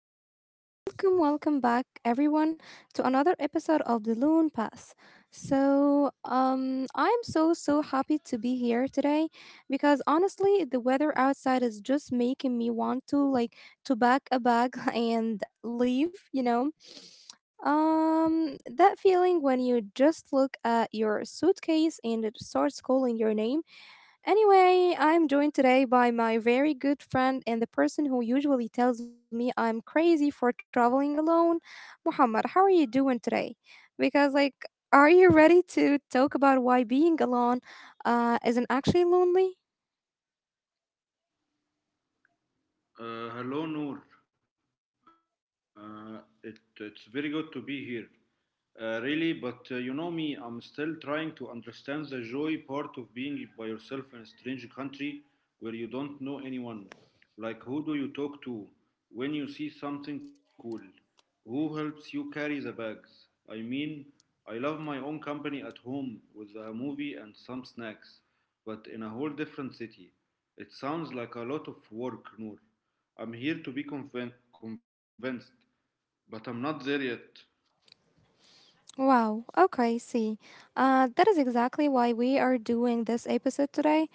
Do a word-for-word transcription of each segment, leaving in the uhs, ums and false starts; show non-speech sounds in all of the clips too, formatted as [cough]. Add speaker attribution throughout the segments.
Speaker 1: Hello, hello. Welcome, welcome back everyone to another episode of The Loon Pass. So, um I'm so so happy to be here today because honestly, the weather outside is just making me want to like to pack a bag [laughs] and leave, you know. Um that feeling when you just look at your suitcase and it starts calling your name. Anyway, I'm joined today by my very good friend and the person who usually tells me I'm crazy for traveling alone. Muhammad, how are you doing today? Because, like, are you ready to talk about why being alone uh, isn't actually lonely?
Speaker 2: Uh, hello, Noor. Uh, it, it's very good to be here. Uh, really, but uh, you know me, I'm still trying to understand the joy part of being by yourself in a strange country where you don't know anyone. Like, who do you talk to when you see something cool? Who helps you carry the bags? I mean, I love my own company at home with a movie and some snacks, but in a whole different city. It sounds like a lot of work, Noor. I'm here to be convin- convinced, but I'm not there yet.
Speaker 1: Wow, okay, see. Uh, that is exactly why we are doing this episode today.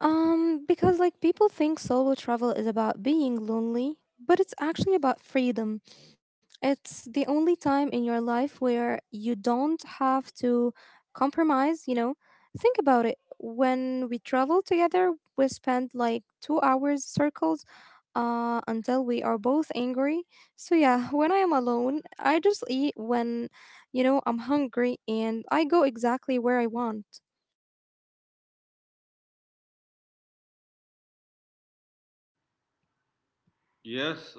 Speaker 1: Um, because, like, people think solo travel is about being lonely, but it's actually about freedom. It's the only time in your life where you don't have to compromise, you know? Think about it. When we travel together, we spend like two hours circles uh, until we are both angry. So, yeah, [laughs] when I am alone, I just eat when, you know, I'm hungry and I go exactly where I want.
Speaker 2: Yes,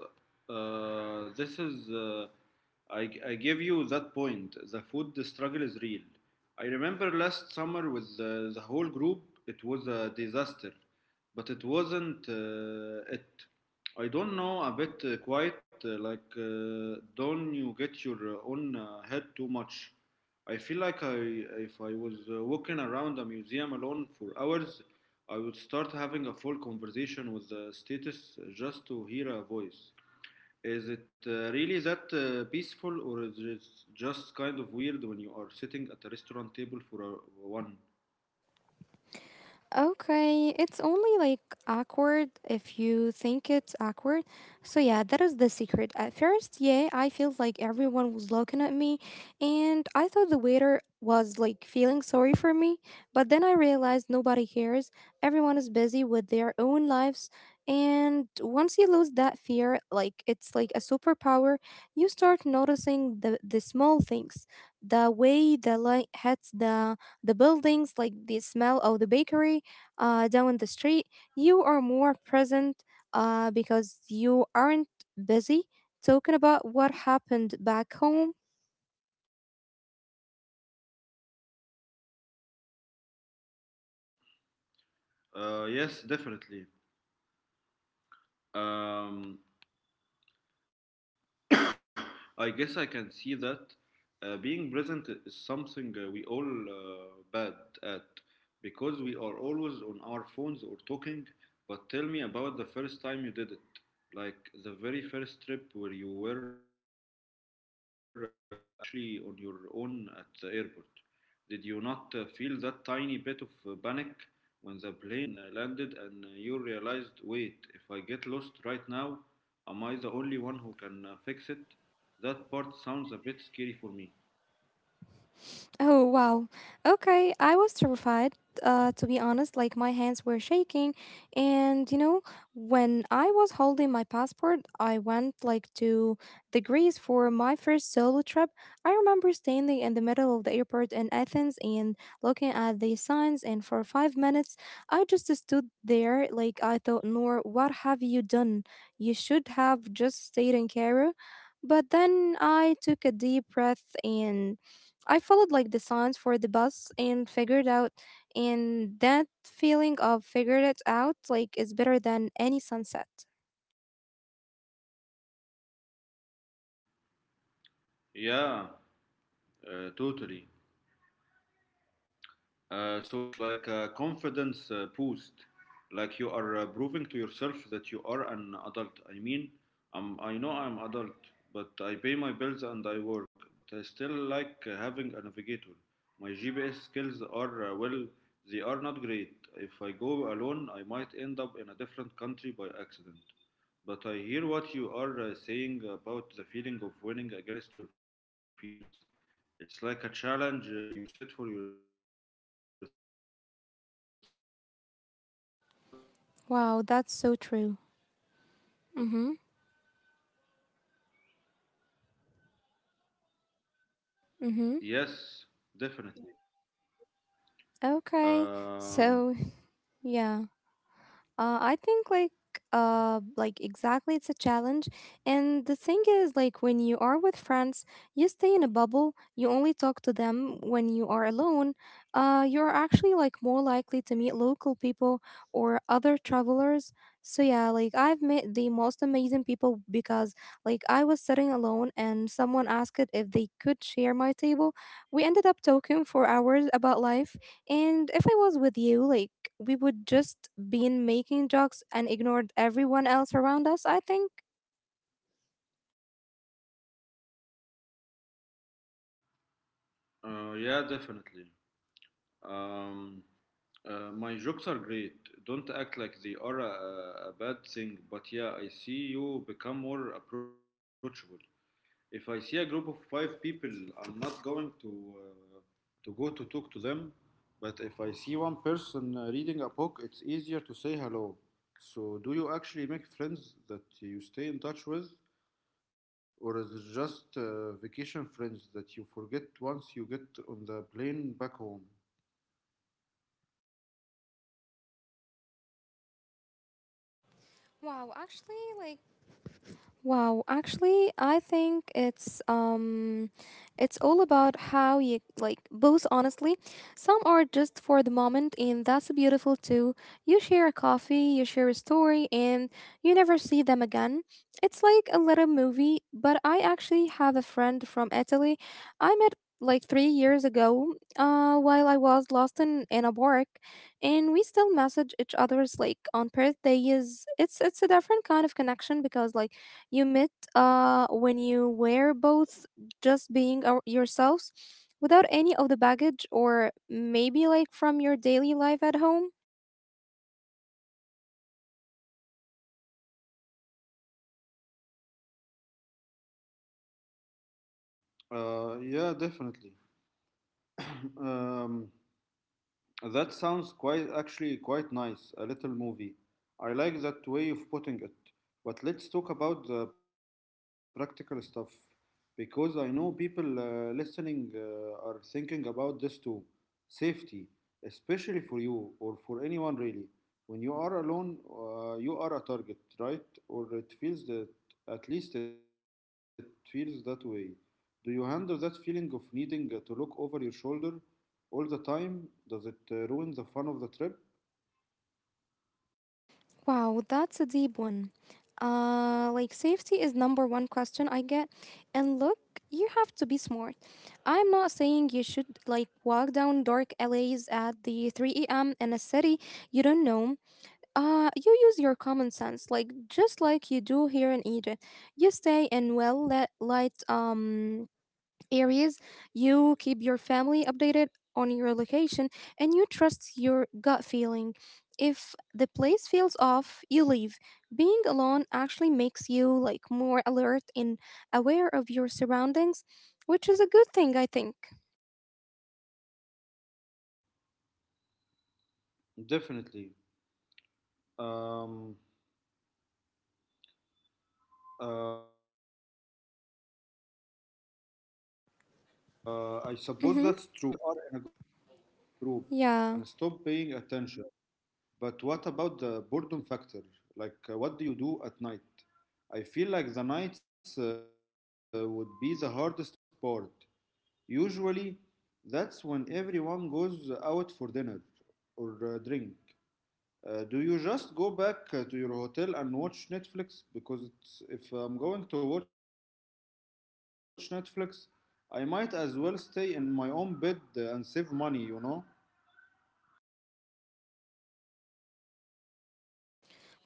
Speaker 2: uh, this is. Uh, I, I give you that point. The food struggle is real. I remember last summer with the, the whole group, it was a disaster, but it wasn't uh, it. I don't know, a bit uh, quiet, uh, like, uh, don't you get your uh, own uh, head too much? I feel like I, if I was uh, walking around a museum alone for hours, I would start having a full conversation with the status just to hear a voice. Is it uh, really that uh, peaceful, or is it just kind of weird when you are sitting at a restaurant table for a, one?
Speaker 1: Okay, it's only like awkward if you think it's awkward. So yeah, that is the secret. At first, yeah, I felt like everyone was looking at me and I thought the waiter was like feeling sorry for me, but then I realized nobody cares. Everyone is busy with their own lives and once you lose that fear, like it's like a superpower, you start noticing the the small things, the way the light hits the the buildings, like the smell of the bakery uh, down the street, you are more present uh, because you aren't busy talking about what happened back home.
Speaker 2: Uh, yes, definitely. Um, I guess I can see that uh, being present is something uh, we all uh, bad at because we are always on our phones or talking. But tell me about the first time you did it, like the very first trip where you were uh, actually on your own at the airport. Did you not uh, feel that tiny bit of uh, panic when the plane uh, landed and uh, you realized, wait, if I get lost right now, am I the only one who can uh, fix it? That part sounds a bit scary for me.
Speaker 1: Oh, wow. Okay, I was terrified, uh, to be honest. Like, my hands were shaking. And, you know, when I was holding my passport, I went, like, to the Greece for my first solo trip. I remember standing in the middle of the airport in Athens and looking at the signs. And for five minutes, I just stood there. Like, I thought, Noor, what have you done? You should have just stayed in Cairo. But then I took a deep breath and I followed like the signs for the bus and figured out, and that feeling of figured it out like is better than any sunset.
Speaker 2: Yeah, uh, totally. Uh, so it's like a confidence uh, boost, like you are uh, proving to yourself that you are an adult. I mean, I'm, I know I'm adult, but I pay my bills and I work. But I still like uh, having a navigator. My G P S skills are uh, well, they are not great. If I go alone, I might end up in a different country by accident. But I hear what you are uh, saying about the feeling of winning against your fears. It's like a challenge uh, you set for yourself.
Speaker 1: Wow, that's so true. Mhm. Mhm.
Speaker 2: Yes, definitely.
Speaker 1: Okay.
Speaker 2: Um,
Speaker 1: So, yeah. Uh, I think like uh like exactly it's a challenge, and the thing is like when you are with friends you stay in a bubble, you only talk to them. When you are alone, uh you're actually like more likely to meet local people or other travelers. So yeah, like I've met the most amazing people because like I was sitting alone and someone asked it if they could share my table. We ended up talking for hours about life, and if I was with you, like we would just been making jokes and ignored everyone else around us, I think.
Speaker 2: uh, yeah, definitely. Um, uh, my jokes are great. Don't act like they are a, a bad thing, but yeah, I see you become more approachable. If I see a group of five people, I'm not going to uh, to go to talk to them. But if I see one person uh, reading a book, it's easier to say hello. So, do you actually make friends that you stay in touch with? Or is it just uh, vacation friends that you forget once you get on the plane back home?
Speaker 1: Wow, actually, like Wow, actually, I think it's um it's all about how you like both honestly. Some are just for the moment and that's beautiful too. You share a coffee, you share a story, and you never see them again. It's like a little movie, but I actually have a friend from Italy. I met like three years ago uh while I was lost in in a park, and we still message each other's like on birthdays. It's it's a different kind of connection because like you met uh, when you were both just being our- yourselves without any of the baggage or maybe like from your daily life at home?
Speaker 2: Uh, yeah, definitely. [clears throat] Um, That sounds quite actually quite nice, a little movie. I like that way of putting it. But let's talk about the practical stuff because I know people uh, listening uh, are thinking about this too. Safety, especially for you or for anyone really. When you are alone, uh, you are a target, right? Or it feels that, at least it feels that way. Do you handle that feeling of needing uh, to look over your shoulder all the time, does it uh, ruin the fun of the trip?
Speaker 1: Wow, that's a deep one. Uh, like safety is number one question I get. And look, you have to be smart. I'm not saying you should like walk down dark alleys at the three a m in a city you don't know. Uh, you use your common sense, like just like you do here in Egypt. You stay in well lit, light um areas. You keep your family updated on your location, and you trust your gut feeling. If the place feels off, you leave. Being alone actually makes you like more alert and aware of your surroundings, which is a good thing, I think.
Speaker 2: Definitely. Um, uh, I suppose that's true. We sometimes get uh, too
Speaker 1: Mm-hmm.
Speaker 2: relaxed when uh, we are in a group and
Speaker 1: Yeah.
Speaker 2: stop paying attention. But what about the boredom factor? Like, uh, what do you do at night? I feel like the nights uh, would be the hardest part. Usually, that's when everyone goes out for dinner or uh, drink. Uh, do you just go back uh, to your hotel and watch Netflix? Because it's, if I'm going to watch Netflix, I might as well stay in my own bed uh, and save money, you know?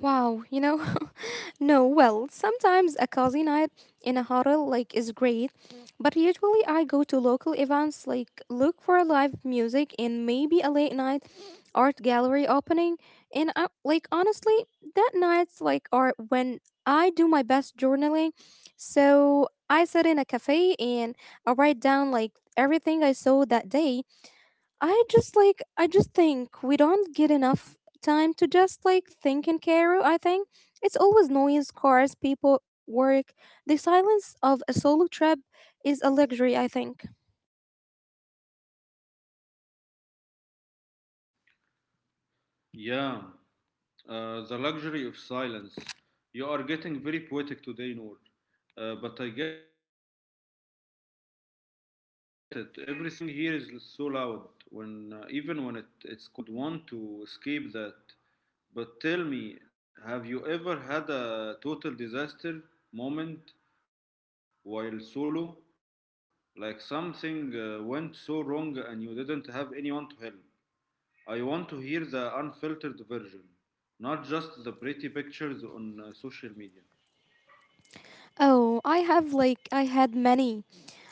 Speaker 1: Wow. You know. [laughs] No, well, sometimes a cozy night in a hotel like is great, but usually I go to local events like look for live music and maybe a late night art gallery opening. And I like honestly, that nights like are when I do my best journaling. So I sit in a cafe and I write down like everything I saw that day. I just like I just think we don't get enough time to just like think and care. I think it's always noise, cars, people, work. The silence of a solo trip is a luxury. I think.
Speaker 2: Yeah, uh, the luxury of silence. You are getting very poetic today, Noor. Uh, but I get it. Everything here is so loud. When uh, even when it, it's quiet, it's loud. I can see why someone uh, would want to escape that. But tell me, have you ever had a total disaster moment while solo? Like something uh, went so wrong and you didn't have anyone to help? I want to hear the unfiltered version, not just the pretty pictures on uh, social media.
Speaker 1: Oh, I have like I had many.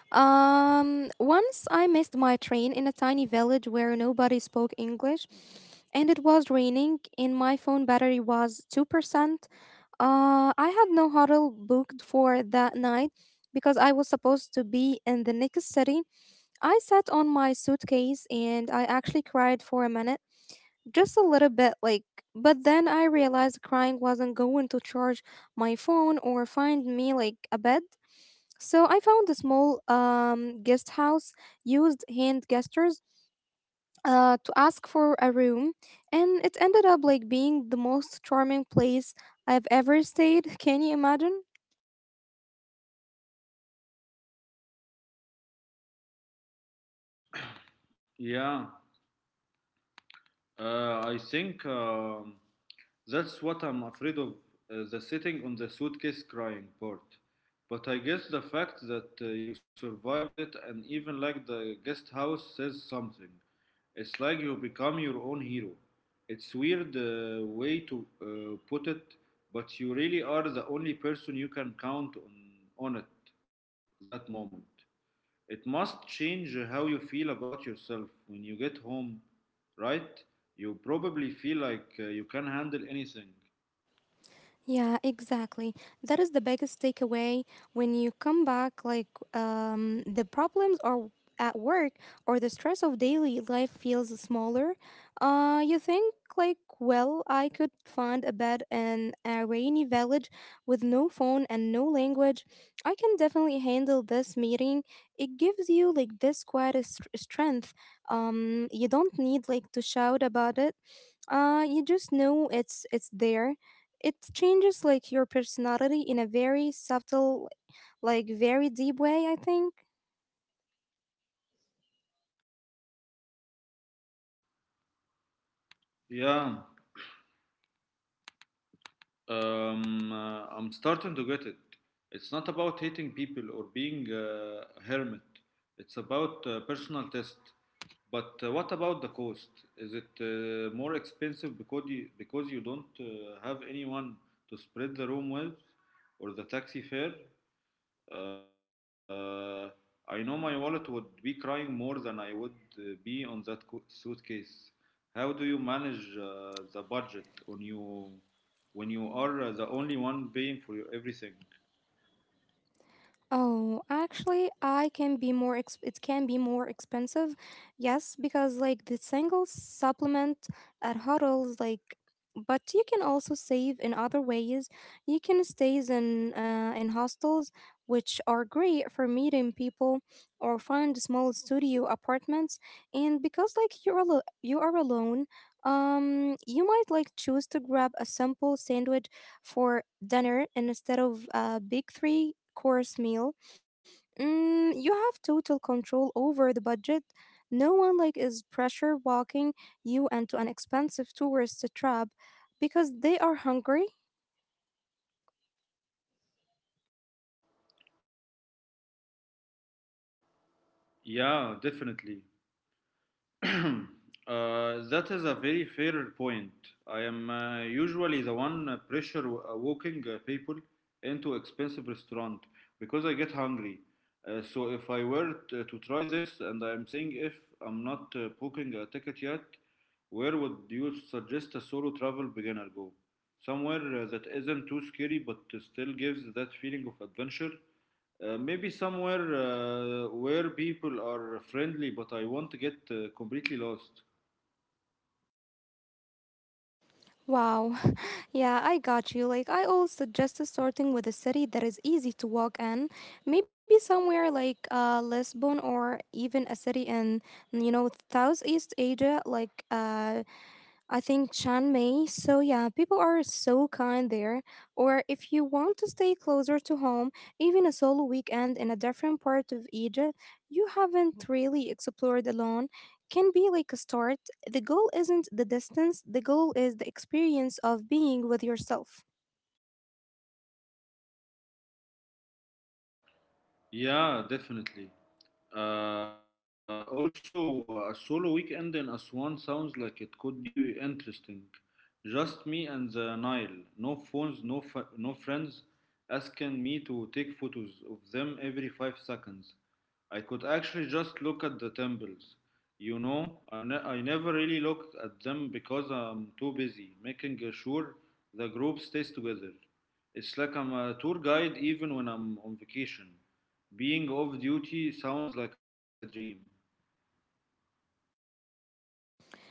Speaker 1: Um, once I missed my train in a tiny village where nobody spoke English, and it was raining, and my phone battery was two percent. Uh, I had no hotel booked for that night because I was supposed to be in the next city. I sat on my suitcase and I actually cried for a minute, just a little bit, like, but then I realized crying wasn't going to charge my phone or find me like a bed. So I found a small um guest house, used hand gestures uh, to ask for a room, and it ended up like being the most charming place I've ever stayed. [laughs] Can you imagine?
Speaker 2: Yeah, uh, I think. um That's what I'm afraid of uh, the sitting on the suitcase crying part. But I guess the fact that uh, you survived it and even like the guest house says something. It's like you become your own hero. It's weird uh, way to uh, put it, but you really are the only person you can count on on it that moment. It must change how you feel about yourself when you get home, right? You probably feel like uh, you can handle anything.
Speaker 1: Yeah, exactly. That is the biggest takeaway. When you come back like um the problems are at work or the stress of daily life feels smaller. Uh you think like, well, I could find a bed in a rainy village with no phone and no language. I can definitely handle this meeting. It gives you like this quiet s- strength. Um you don't need like to shout about it. Uh you just know it's it's there. It changes like your personality in a very subtle, like very deep way, I think.
Speaker 2: Yeah, um, uh, I'm starting to get it. It's not about hating people or being uh, a hermit, it's about uh, personal test. But uh, what about the cost? Is it uh, more expensive because you, because you don't uh, have anyone to spread the room with or the taxi fare? Uh, I know my wallet would be crying more than I would uh, be on that co- suitcase. How do you manage uh, the budget on you when you are uh, the only one paying for your everything?
Speaker 1: Oh, actually, I can be more exp- it can be more expensive. Yes, because like the single supplement at Huddles like, but you can also save in other ways. You can stays in uh, in hostels, which are great for meeting people, or find small studio apartments. And because like you're alo- you are alone, um you might like choose to grab a simple sandwich for dinner instead of a big three course meal. Mm, you have total control over the budget. No one like is pressure walking you into an expensive tourist trap because they are hungry.
Speaker 2: Yeah, definitely. [clears throat] Uh, that is a very fair point. I am uh, usually the one uh, pressure w- uh, walking uh, people into expensive restaurant because I get hungry. Uh, so if I were t- to try this, and I'm saying if I'm not uh, booking a ticket yet, where would you suggest a solo travel beginner go? Somewhere uh, that isn't too scary but uh, still gives that feeling of adventure uh, maybe somewhere uh, where people are friendly, but I won't get uh, completely lost.
Speaker 1: Wow. [laughs] Yeah, I got you. Like I always suggest, starting with a city that is easy to walk in, maybe somewhere like uh, Lisbon, or even a city in, you know, Southeast Asia, like uh, I think Chiang Mai. So yeah, people are so kind there. Or if you want to stay closer to home, even a solo weekend in a different part of Egypt you haven't really explored alone can be like a start. The goal isn't the distance, the goal is the experience of being with yourself.
Speaker 2: Yeah, definitely. Uh, also, uh, a solo weekend in Aswan sounds like it could be interesting. Just me and the Nile. No phones, no fa- no friends asking me to take photos of them every five seconds. I could actually just look at the temples. You know, I, ne- I never really looked at them because I'm too busy making uh, sure the group stays together. It's like I'm a tour guide even when I'm on vacation. Being off duty sounds like a dream.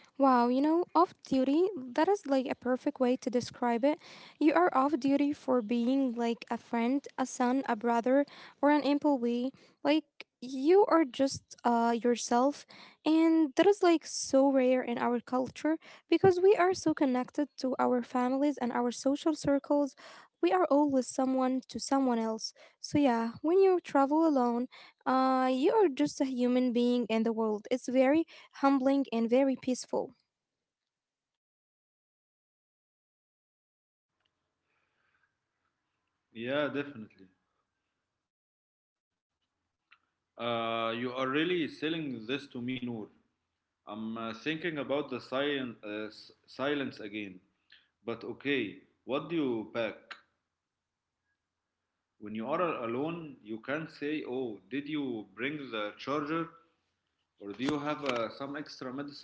Speaker 1: Wow, you know, off duty, that is like a perfect way to describe it. You are off duty for being like a friend, a son, a brother, or an employee. Like, you are just uh, yourself. And that is like so rare in our culture because we are so connected to our families and our social circles. We are always someone to someone else. So, yeah, when you travel alone, uh, you are just a human being in the world. It's very humbling, and very peaceful.
Speaker 2: Yeah, definitely. Uh, you are really selling this to me, Noor. I'm uh, thinking about the silent, uh, s- silence again. But okay, what do you pack? When you are alone, you can't say, oh, did you bring the charger? Or do you have uh, some extra medicine?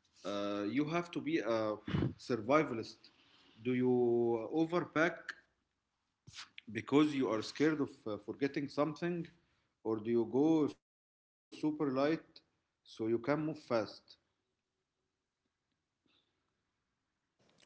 Speaker 2: Uh, you have to be a survivalist. Do you overpack because you are scared of uh, forgetting something or do you go super light so you can move fast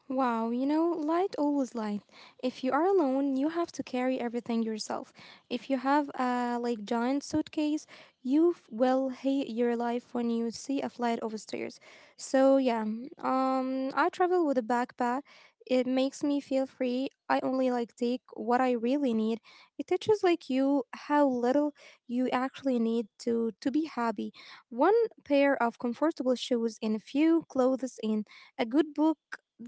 Speaker 1: Wow, you know, light, always light. If you are alone, you have to carry everything yourself. If you have a like giant suitcase, you f- will hate your life when you see a flight of stairs. So yeah, um, I travel with a backpack. It makes me feel free. I only like take what I really need. It teaches like you how little you actually need to to be happy. One pair of comfortable shoes and a few clothes and a good book,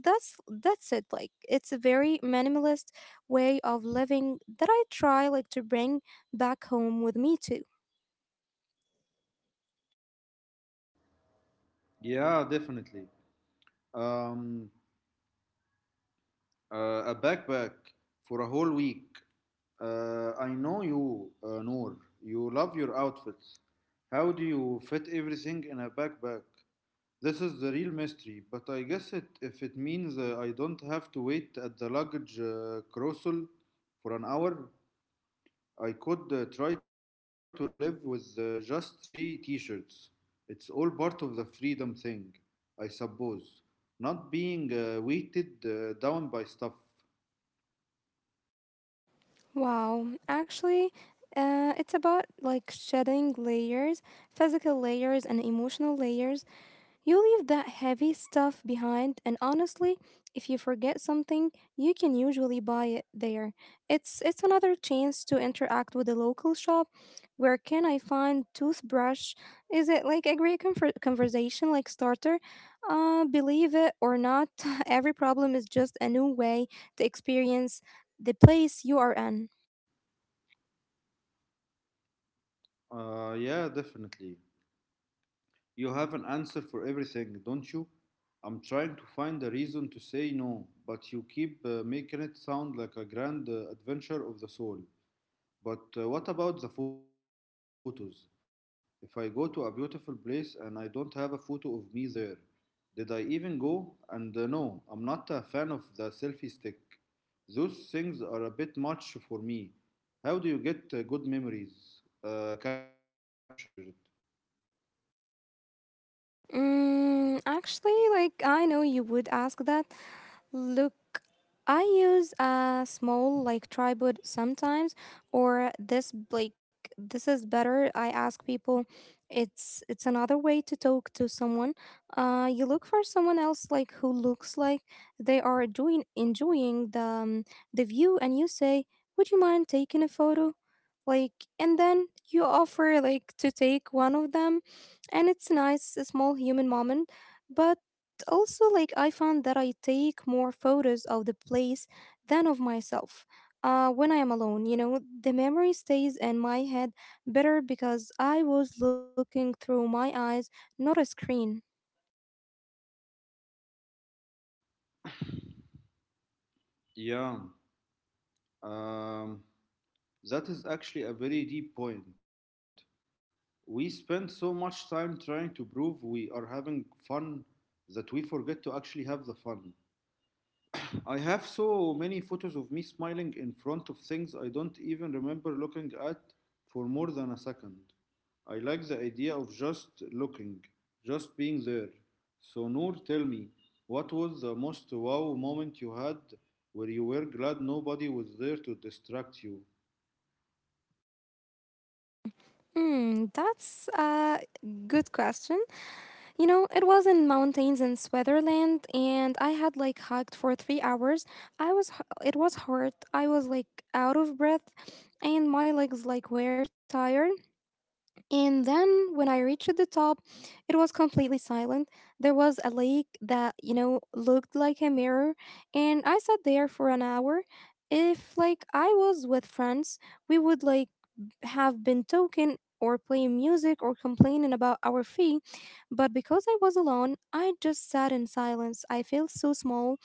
Speaker 1: that's that's it, like it's a very minimalist way of living that I try like to bring back home with me too.
Speaker 2: yeah definitely um, uh, a backpack for a whole week uh, I know you uh, noor you love your outfits how do you fit everything in a backpack this is the real mystery but I guess it if it means uh, I don't have to wait at the luggage uh, carousel for an hour. I could uh, try to live with uh, just three t shirts. It's all part of the freedom thing, I suppose. Not being uh, weighted uh, down by stuff.
Speaker 1: Wow, actually, uh, it's about like shedding layers, physical layers and emotional layers. You leave that heavy stuff behind, and honestly, if you forget something, you can usually buy it there. It's it's another chance to interact with the local shop. Where can I find toothbrush? Is it like a great conver- conversation like starter? Uh, believe it or not, [laughs] every problem is just a new way to experience the place you are in.
Speaker 2: Uh, yeah, definitely. You have an answer for everything, don't you? I'm trying to find a reason to say no, but you keep uh, making it sound like a grand uh, adventure of the soul. But uh, what about the photos? If I go to a beautiful place and I don't have a photo of me there, did I even go? And uh, no, I'm not a fan of the selfie stick. Those things are a bit much for me. How do you get uh, good memories uh, captured?
Speaker 1: Mm, actually, like I know you would ask that. Look, I use a small like tripod sometimes, or this like this is better. I ask people. It's it's another way to talk to someone. Uh, you look for someone else like who looks like they are doing enjoying the um, the view, and you say, "Would you mind taking a photo?" Like, and then you offer like to take one of them, and it's nice a small human moment. But also like I found that I take more photos of the place than of myself uh, when I am alone. You know, the memory stays in my head better because I was looking through my eyes, not a screen.
Speaker 2: Yeah, um, that is actually a very deep point. We spend so much time trying to prove we are having fun that we forget to actually have the fun. I have so many photos of me smiling in front of things I don't even remember looking at for more than a second. I like the idea of just looking, just being there. So, Noor, tell me, what was the most wow moment you had where you were glad nobody was there to distract you?
Speaker 1: Hmm, that's a good question. You know, it was in mountains in Switzerland, and I had like hiked for three hours. I was, h- it was hard. I was like out of breath, and my legs like were tired. And then when I reached the top, it was completely silent. There was a lake that, you know, looked like a mirror, and I sat there for an hour. If like I was with friends, we would like b- have been talking or playing music or complaining about our fee, but because I was alone, I just sat in silence. I felt so small,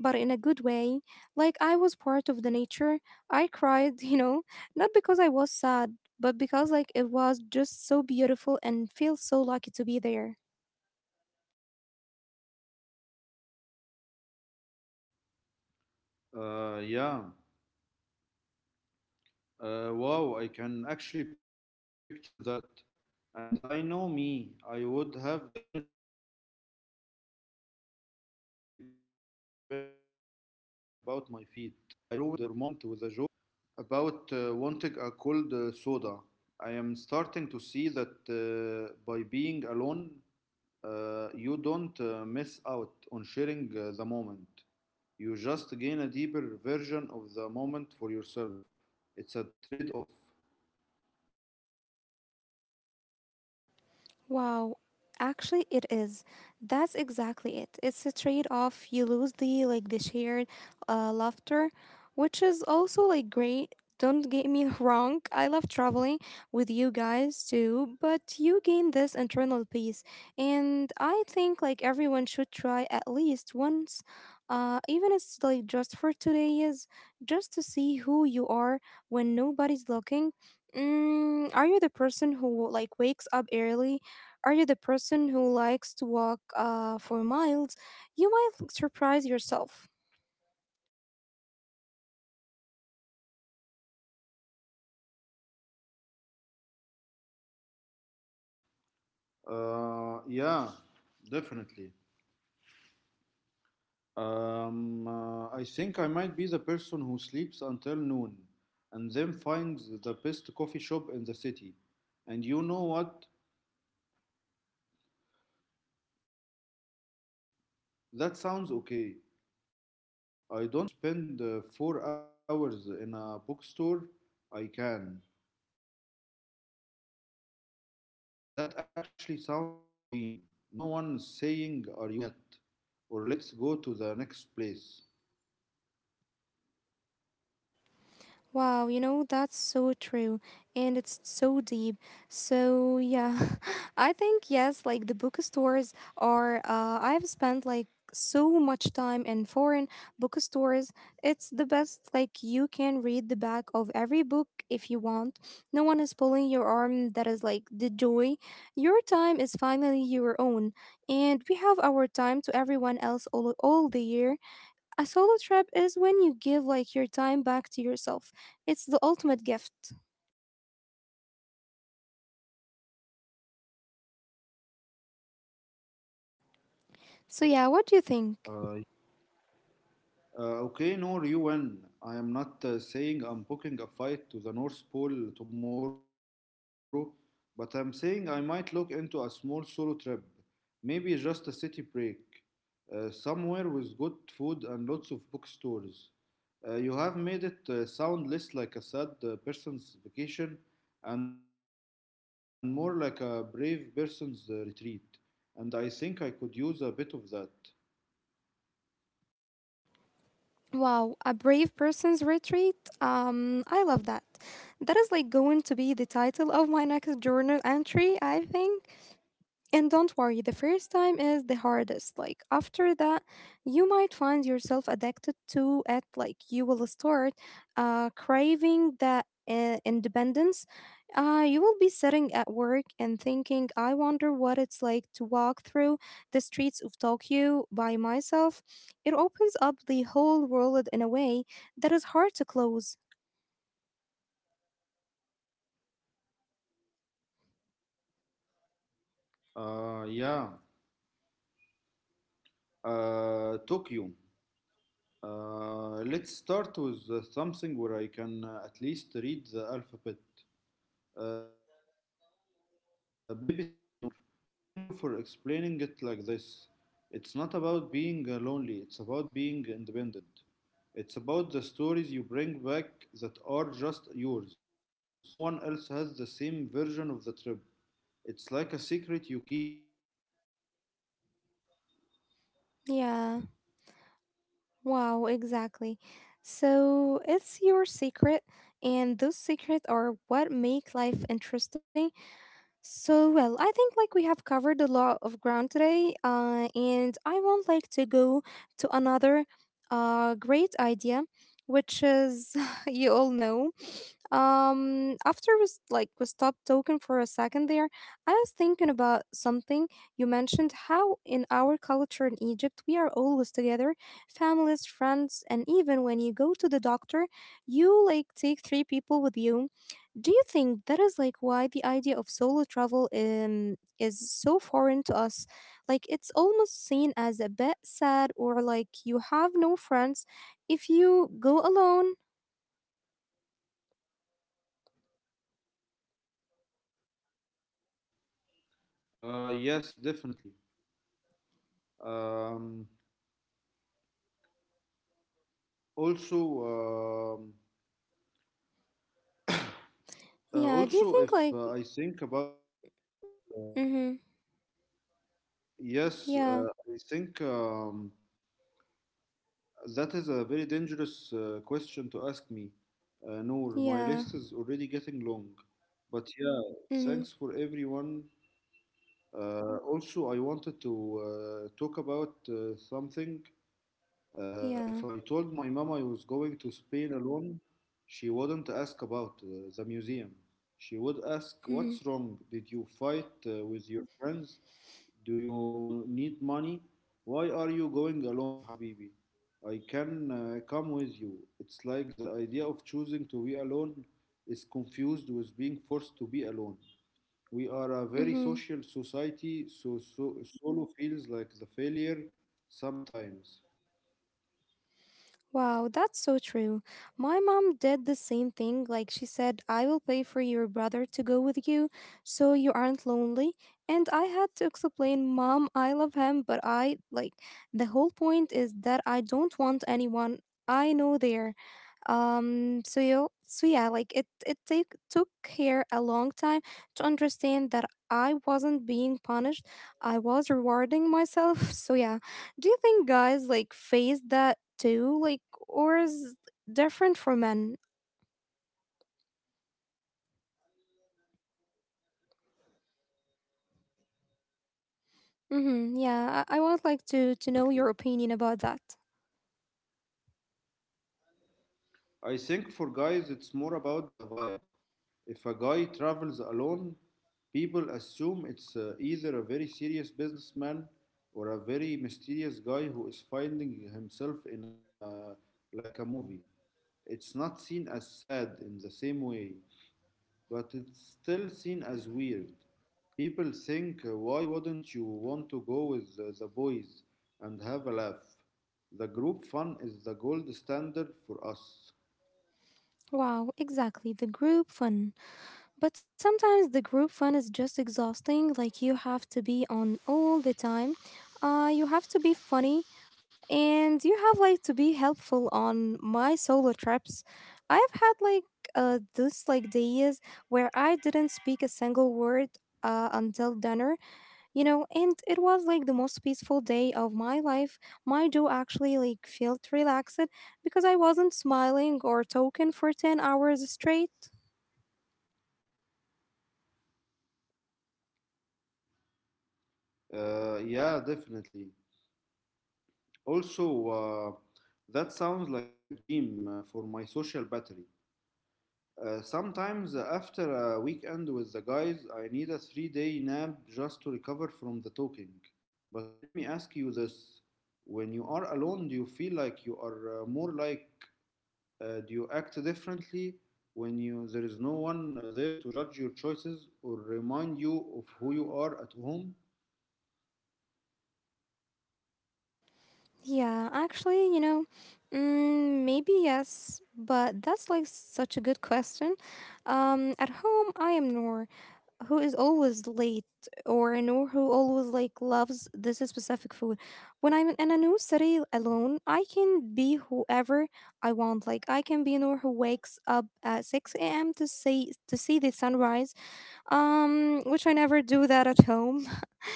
Speaker 1: but in a good way. Like I was part of the nature. I cried, [laughs] you know, not because I was sad, but because like it was just so beautiful and feel so lucky to be there.
Speaker 2: Uh, yeah. Uh, wow, I can actually picture that. And I know me, I would have definitely been the one complaining about my feet. I would have ruined uh, your moment with a joke about uh, wanting a cold uh, soda. I am starting to see that uh, by being alone, uh, you don't uh, miss out on sharing uh, the moment. You just gain a deeper version of the moment for yourself. It's a trade off.
Speaker 1: Wow, actually it is. That's exactly it. It's a trade-off. You lose the like the shared uh, laughter, which is also like great. Don't get me [laughs] wrong. I love traveling with you guys too, but you gain this internal peace. And I think like everyone should try at least once. Uh even it's like just for today is just to see who you are when nobody's looking. Mm, are you the person who like wakes up early? Are you the person who likes to walk uh, for miles? You might surprise yourself.
Speaker 2: Uh, yeah, definitely. Um, uh, I think I might be the person who sleeps until noon and then finds the best coffee shop in the city. And you know what? That sounds okay. I don't have to follow anyone else's schedule. If I want to spend uh, four hours in a bookstore, I can. That actually sounds like a dream. No one is saying, "Are you done yet?" or "Let's go to the next place."
Speaker 1: Wow, you know, that's so true. And it's so deep. So, yeah, [laughs] I think, yes, like the bookstores are, uh, I've spent like so much time in foreign bookstores. It's the best, like, you can read the back of every book if you want. No one is pulling your arm. That is like the joy. Your time is finally your own. And we have our time to everyone else all, all the year. A solo trip is when you give like your time back to yourself. It's the ultimate gift. So yeah, what do you think?
Speaker 2: Uh, uh, okay, no, you win. I am not uh, saying I'm booking a fight to the North Pole tomorrow, but I'm saying I might look into a small solo trip. Maybe just a city break. Uh, somewhere with good food and lots of bookstores. Uh, you have made it uh, sound less like a sad uh, person's vacation and more like a brave person's uh, retreat. And I think I could use a bit of that.
Speaker 1: Wow, a brave person's retreat. Um, I love that. That is like going to be the title of my next journal entry, I think. And don't worry, the first time is the hardest. Like, after that, you might find yourself addicted to it. Like, you will start uh, craving that uh, independence. Uh, you will be sitting at work and thinking, I wonder what it's like to walk through the streets of Tokyo by myself. It opens up the whole world in a way that is hard to close.
Speaker 2: Uh, yeah. Uh, Tokyo. Uh, let's start with uh, something where I can uh, at least read the alphabet. Uh, baby steps, Noor. But thank you for explaining it like this. It's not about being uh, lonely, it's about being independent. It's about the stories you bring back that are just yours. No one else has the same version of the trip. It's like a secret you keep with the world.
Speaker 1: Yeah. Wow, exactly. So it's your secret, and those secrets are what make life interesting. So, well, I think like we have covered a lot of ground today, uh, and I want like to go to another uh, great idea, which is [laughs] you all know. Um, after we s- like we stopped talking for a second there, I was thinking about something you mentioned how in our culture in Egypt we are always together, families, friends, and even when you go to the doctor, you like take three people with you. Do you think that is like why the idea of solo travel um, is so foreign to us? Like it's almost seen as a bit sad or like you have no friends if you go alone.
Speaker 2: Uh, yes, definitely. Um, Also, um,
Speaker 1: Yeah, do you think
Speaker 2: Uh,
Speaker 1: like...
Speaker 2: also, if uh, I think about,
Speaker 1: Mhm.
Speaker 2: yes, uh,
Speaker 1: Yeah,
Speaker 2: I think um, that is a very dangerous uh, question to ask me, uh, Noor. My list
Speaker 1: yeah.
Speaker 2: is already getting long, but yeah,
Speaker 1: Mhm.
Speaker 2: thanks for everyone. Uh, also, I wanted to uh, talk about uh, something. Uh, if
Speaker 1: Yeah.
Speaker 2: I told my mom I was going to Spain alone, she wouldn't ask about uh, the museum. She would ask,
Speaker 1: Mhm.
Speaker 2: "What's wrong? Did you fight uh, with your friends? Do you need money? Why are you going alone, Habibi? I can uh, come with you." It's like the idea of choosing to be alone is confused with being forced to be alone. We are a very
Speaker 1: Mhm.
Speaker 2: social society, so, so solo feels like the failure sometimes.
Speaker 1: Wow, that's so true. My mom did the same thing. Like she said, I will pay for your brother to go with you so you aren't lonely. And I had to explain, Mom, I love him, but I like the whole point is that I don't want anyone I know there. Um so you so yeah, like it it take took her a long time to understand that I wasn't being punished. I was rewarding myself. [laughs] So yeah. Do you think guys like face that too? Like or is different for men? Hmm yeah, I, I
Speaker 2: Uh,
Speaker 1: would like
Speaker 2: yeah,
Speaker 1: to, to know
Speaker 2: definitely.
Speaker 1: your opinion about that.
Speaker 2: I think for guys, it's more about the vibe. If a guy travels alone, people assume it's uh, either a very serious businessman or a very mysterious guy who is finding himself in a like a movie. It's not seen as sad in the same way, but it's still seen as weird. People think, uh, why wouldn't you want to go with the, the boys and have a laugh? The group fun is the gold standard for us.
Speaker 1: Wow, exactly. The group fun. But sometimes the group fun is just exhausting. Like you have to be on all the time. Uh, you have to be funny, and you have like to be helpful on my solo trips. I've had like uh, this like days where I didn't speak a single word uh, until dinner. You know, and it was like the most peaceful day of my life. My jaw actually like felt relaxed because I wasn't smiling or talking for ten hours straight.
Speaker 2: Uh, yeah, definitely. Also, uh, that sounds like a dream uh, for my social battery. Uh, sometimes, uh, after a weekend with the guys, I need a three day nap just to recover from the talking. But let me ask you this, when you are alone, do you feel like you are uh, more like Uh, do you act differently when you there is no one uh, there to judge your choices or remind you of who you are at home?
Speaker 1: Yeah, actually, you know, mm, maybe yes, but that's like such a good question. Um, at home, I am Noor. Who is always late, or you know, who always like loves this specific food. When I'm in a new city alone, I can be whoever I want. Like I can be, you know, who wakes up at six a.m to see to see the sunrise, um which I never do that at home.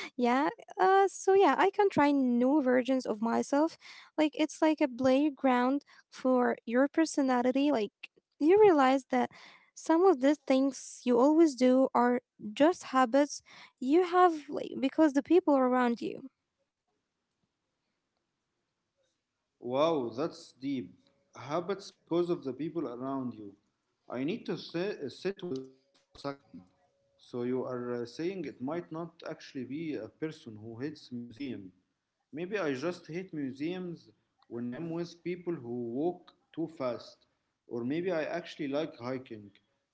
Speaker 1: Yeah. Uh, so yeah, I can try new versions of myself. Like it's like a playground for your personality. Like you realize that some of the things you always do are just habits you have like because the people around you.
Speaker 2: Wow, that's deep. Habits because of the people around you. I need to si- sit with that for a second. So you are uh, saying it might not actually be a person who hates museum. Maybe I just hate museums when I am with people who walk too fast. Or maybe I actually like hiking,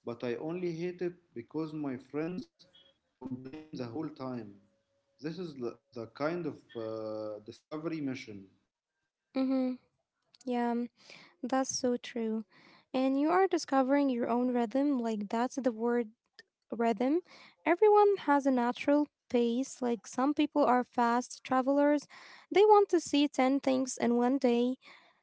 Speaker 2: but I only hate it because my friends complain the whole time. This is the, the kind of uh, discovery mission.
Speaker 1: Mm-hmm. Yeah, that's so true. And you are discovering your own rhythm. Like that's the word rhythm. Everyone has a natural pace, like some people are fast travelers, they want to see ten things in one day.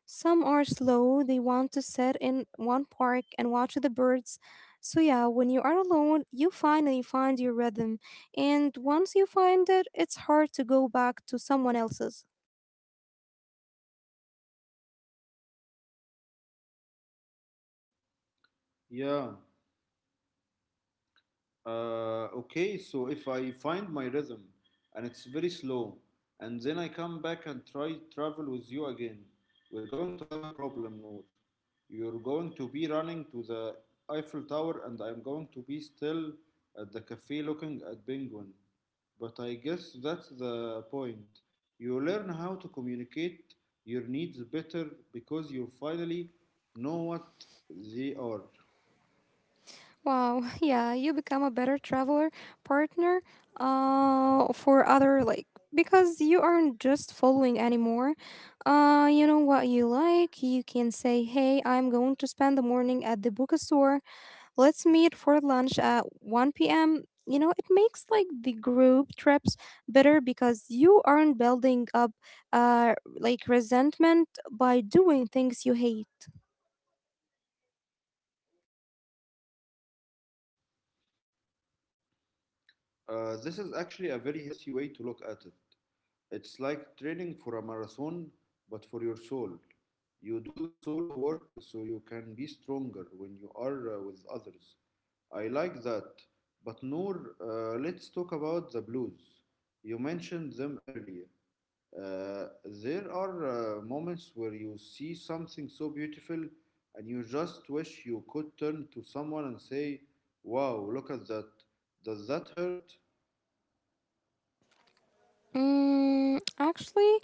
Speaker 1: Some are slow, they want to sit in one park and watch the birds. So, yeah, when you are alone, you finally find your rhythm. And once you find it, it's hard to go back to someone else's.
Speaker 2: Yeah. Uh, okay, so if I find my rhythm and it's very slow, and then I come back and try travel with you again, we're going to have a problem, Noor. You're going to be running to the Eiffel Tower, and I'm going to be still at the cafe looking at penguin. But I guess that's the point. You learn how to communicate your needs better because you finally know what they are.
Speaker 1: Wow, [laughs] yeah, you become a better traveler partner uh for other like because you aren't just following anymore. Uh you know what you like. You can say, "Hey, I'm going to spend the morning at the bookstore. Let's meet for lunch at one p m" You know, it makes like the group trips better because you aren't building up uh like resentment by doing things you hate.
Speaker 2: Uh, this is actually a very healthy way to look at it. It's like training for a marathon, but for your soul. You do the solo work so you can be stronger when you are uh, with others. I like that. But Noor, uh, let's talk about the blues. You mentioned them earlier. Uh, there are uh, moments where you see something so beautiful and you just wish you could turn to someone and say, "Wow, look at that." Does that hurt?
Speaker 1: Mm, actually,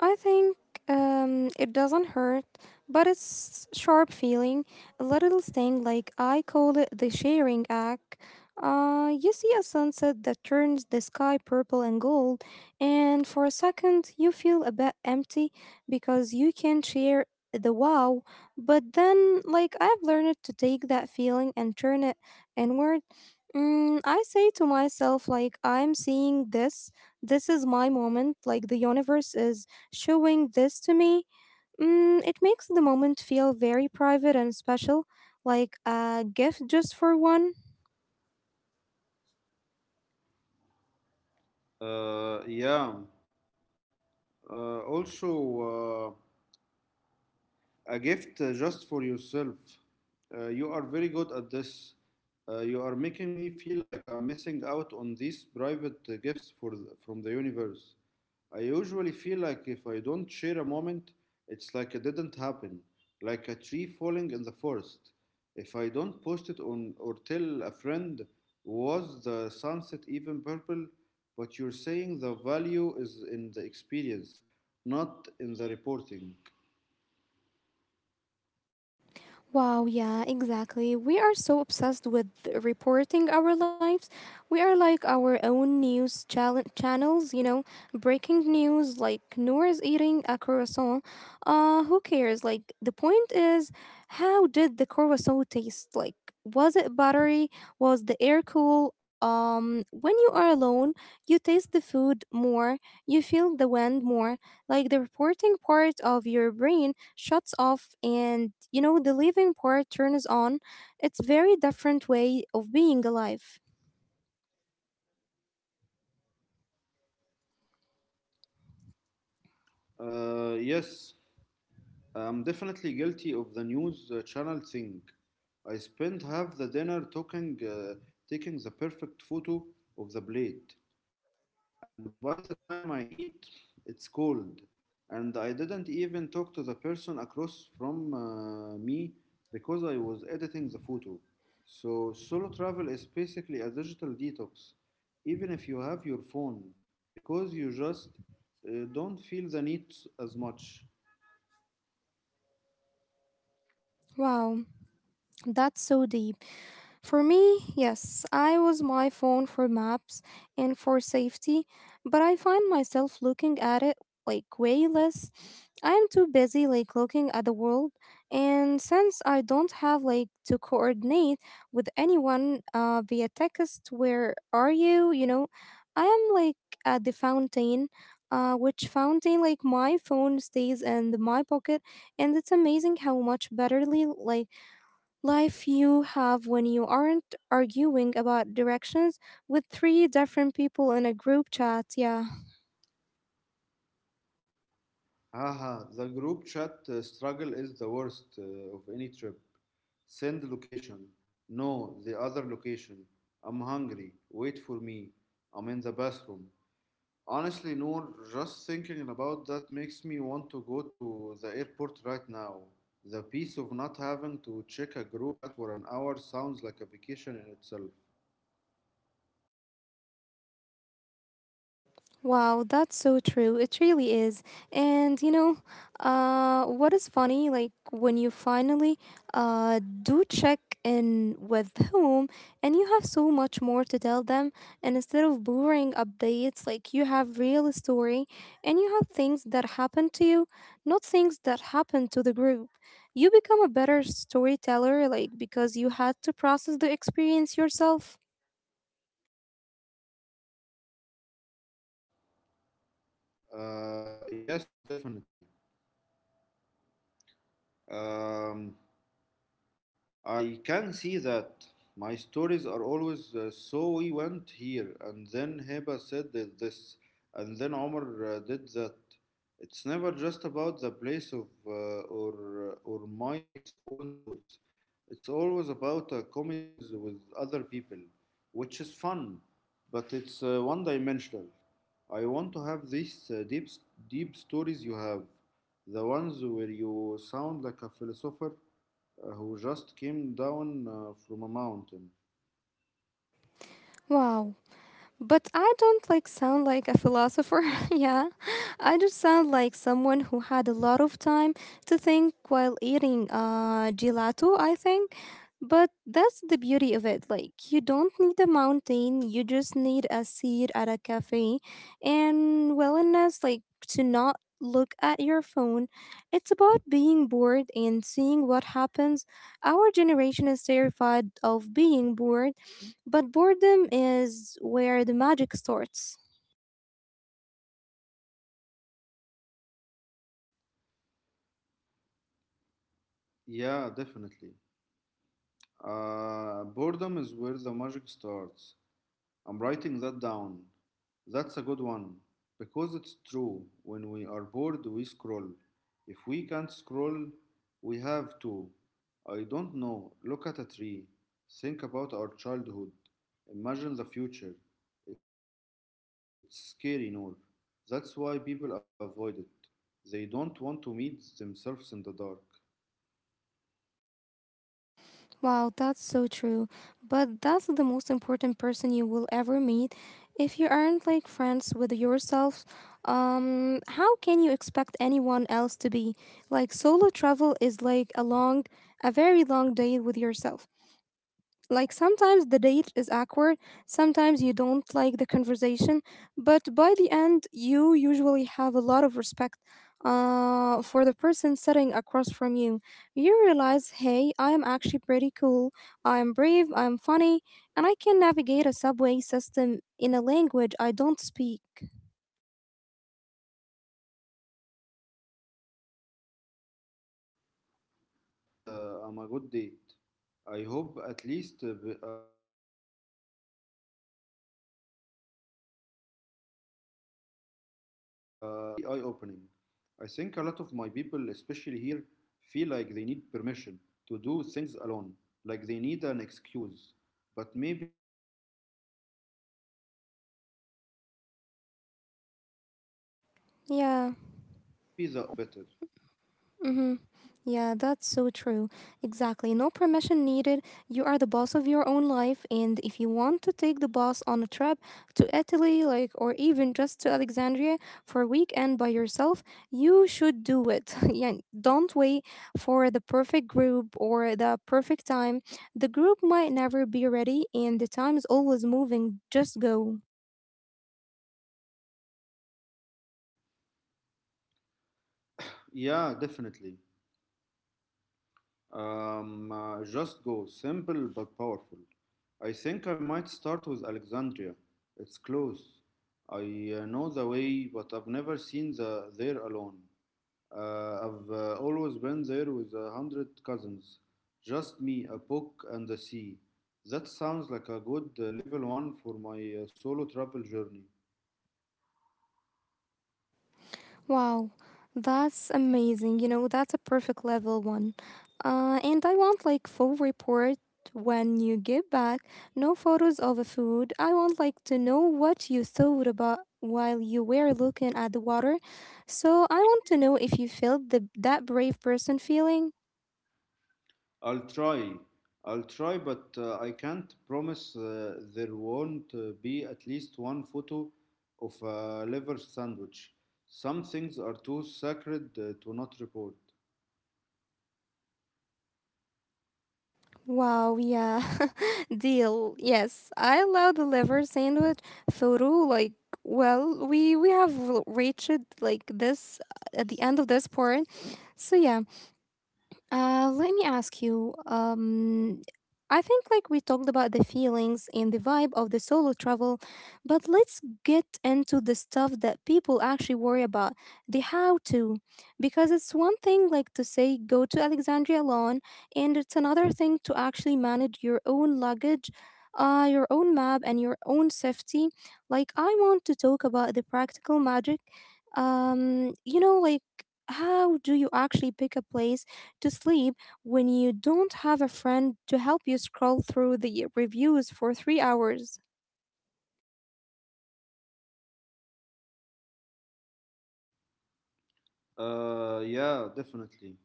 Speaker 1: I think um, it doesn't hurt, but it's sharp feeling, a little sting. Like I call it the sharing act. Uh, you see a sunset that turns the sky purple and gold, and for a second you feel a bit empty because you can not share the wow. But then, like I've learned to take that feeling and turn it inward. Mm, I say to myself, like I'm seeing this. This is my moment. Like the universe is showing this to me, mm, It makes the moment feel very private and special, like a gift just for one.
Speaker 2: Uh, yeah, Uh, also, uh, a gift uh, just for yourself. Uh, you are very good at this. Uh, you are making me feel like I'm missing out on these private uh, gifts for the, from the universe. I usually feel like if I don't share a moment, it's like it didn't happen, like a tree falling in the forest. If I don't post it on or tell a friend, was the sunset even purple? But you're saying the value is in the experience, not in the reporting.
Speaker 1: Wow, yeah, exactly. We are so obsessed with reporting our lives. We are like our own news chal- channels, you know, breaking news like Noor is eating a croissant. Uh, who cares? Like, the point is, how did the croissant taste? Like, was it buttery? Was the air cool? Um, when you are alone, you taste the food more, you feel the wind more. Like the reporting part of your brain shuts off, and you know the living part turns on. It's very different way of being alive.
Speaker 2: Uh, yes, I'm definitely guilty of the news uh, channel thing. I spent half the dinner talking, uh, taking the perfect photo of the plate, and by the time I eat, it's cold, and I didn't even talk to the person across from uh, me because I was editing the photo. So, solo travel is basically a digital detox, even if you have your phone, because you just uh, don't feel the need as much.
Speaker 1: Wow, that's so deep. For me, yes, I was my phone for maps and for safety, but I find myself looking at it like way less. I am too busy like looking at the world, and since I don't have like to coordinate with anyone uh, via text, where are you? You know, I am like at the fountain. Uh, which fountain like my phone stays in my pocket, and it's amazing how much betterly like life you have when you aren't arguing about directions with three different people in a group chat. Yeah.
Speaker 2: Haha, the group chat uh, struggle is the worst uh, of any trip. Send location. No, the other location. I'm hungry. Wait for me. I'm in the bathroom. Honestly, Noor, just thinking about that makes me want to go to the airport right now. The peace of not having to check a group chat for an hour sounds like a vacation in itself.
Speaker 1: Wow, that's so true. It really is. And you know, uh, what is funny, like when you finally uh, do check in with whom, and you have so much more to tell them, and instead of boring updates, like you have real story, and you have things that happen to you, not things that happen to the group. You become a better storyteller, like because you had to process the experience yourself.
Speaker 2: Uh, yes, definitely. Um, I can see that. My stories are always uh, so we went here, and then Heba said th- this, and then Omar uh, did that. It's never just about the place of uh, or uh, or my s- own thoughts. It's always about a comedy of errors with other people, which is fun, but it's uh, one-dimensional. I want to have these uh, deep s- deep stories you have, the ones where you sound like a philosopher uh, who just came down uh, from a mountain.
Speaker 1: Wow. But I don't like sound like a philosopher. [laughs] Yeah. I just sound like someone who had a lot of time to think while eating uh gelato, I think. But that's the beauty of it. Like you don't need a mountain, you just need a seat at a cafe and willingness like to not look at your phone. It's about being bored and seeing what happens. Our generation is terrified of being bored, but boredom is where the magic starts.
Speaker 2: Yeah, definitely. Uh, boredom is where the magic starts. I'm writing that down. That's a good one. Because it's true, when we are bored, we scroll. If we can't scroll, we have to. I don't know. Look at a tree. Think about our childhood. Imagine the future. It's scary, Noor. That's why people avoid it. They don't want to meet themselves in the dark.
Speaker 1: Wow, that's so true. But that's the most important person you will ever meet. If you aren't like friends with yourself, um, how can you expect anyone else to be? Like solo travel is like a long, a very long day with yourself. Like sometimes the date is awkward, sometimes you don't like the conversation, but by the end, you usually have a lot of respect uh, for the person sitting across from you. You realize, hey, I am actually pretty cool, I am brave, I am funny, and I can navigate a subway system in a language I don't speak.
Speaker 2: Uh, yes, exactly. I like that. I hope I'm good. Uh, I'm a good date. I hope at least uh, b- uh, pay for my own dinner. But seriously, this has been really eye-opening. I think a lot of my people, especially here, feel like they need permission to do things alone, like they need an excuse. But maybe the only excuse you need is that you want to get uh, to know yourself better.
Speaker 1: Yeah. Mm-hmm. Yeah, that's so true. Exactly. No permission needed. You are the boss of your own life. And if you want to take the boss on a trip to Italy, like, or even just to Alexandria for a weekend by yourself, you should do it. [laughs] yeah, don't wait for the perfect group or the perfect time. The group might never be ready, and the time is always moving. Just go.
Speaker 2: Yeah, definitely. Um, uh, just go. Simple but powerful. I think I might start with Alexandria. It's close. I uh, know the way, but I've never seen the there alone. Uh, I've uh, always been there with a hundred cousins. Just me, a book, and the sea. That sounds like a good uh, level one for my uh, solo travel journey.
Speaker 1: Wow, that's amazing. You know, that's a perfect level one. Uh, and I want like full report when you get back. No photos of the food. I want like to know what you thought about while you were looking at the water. So I want to know if you felt the that brave person feeling.
Speaker 2: I'll try. I'll try, but uh, I can't promise uh, there won't uh, be at least one photo of a liver sandwich. Some things are too sacred uh, to not report.
Speaker 1: Wow, yeah. [laughs] Deal. Yes, I love the liver sandwich photo. Like, well, we we have l- reached like this uh, at the end of this part. So yeah, uh, let me ask you. Um, I think like we talked about the feelings and the vibe of the solo travel, but let's get into the stuff that people actually worry about, the how to, because it's one thing like to say go to Alexandria alone, and it's another thing to actually manage your own luggage. Uh, your own map and your own safety. Like, I want to talk about the practical magic. Um, you know, like, how do you actually pick a place to sleep when you don't have a friend to help you scroll through the reviews for three hours.
Speaker 2: Uh, yeah, definitely.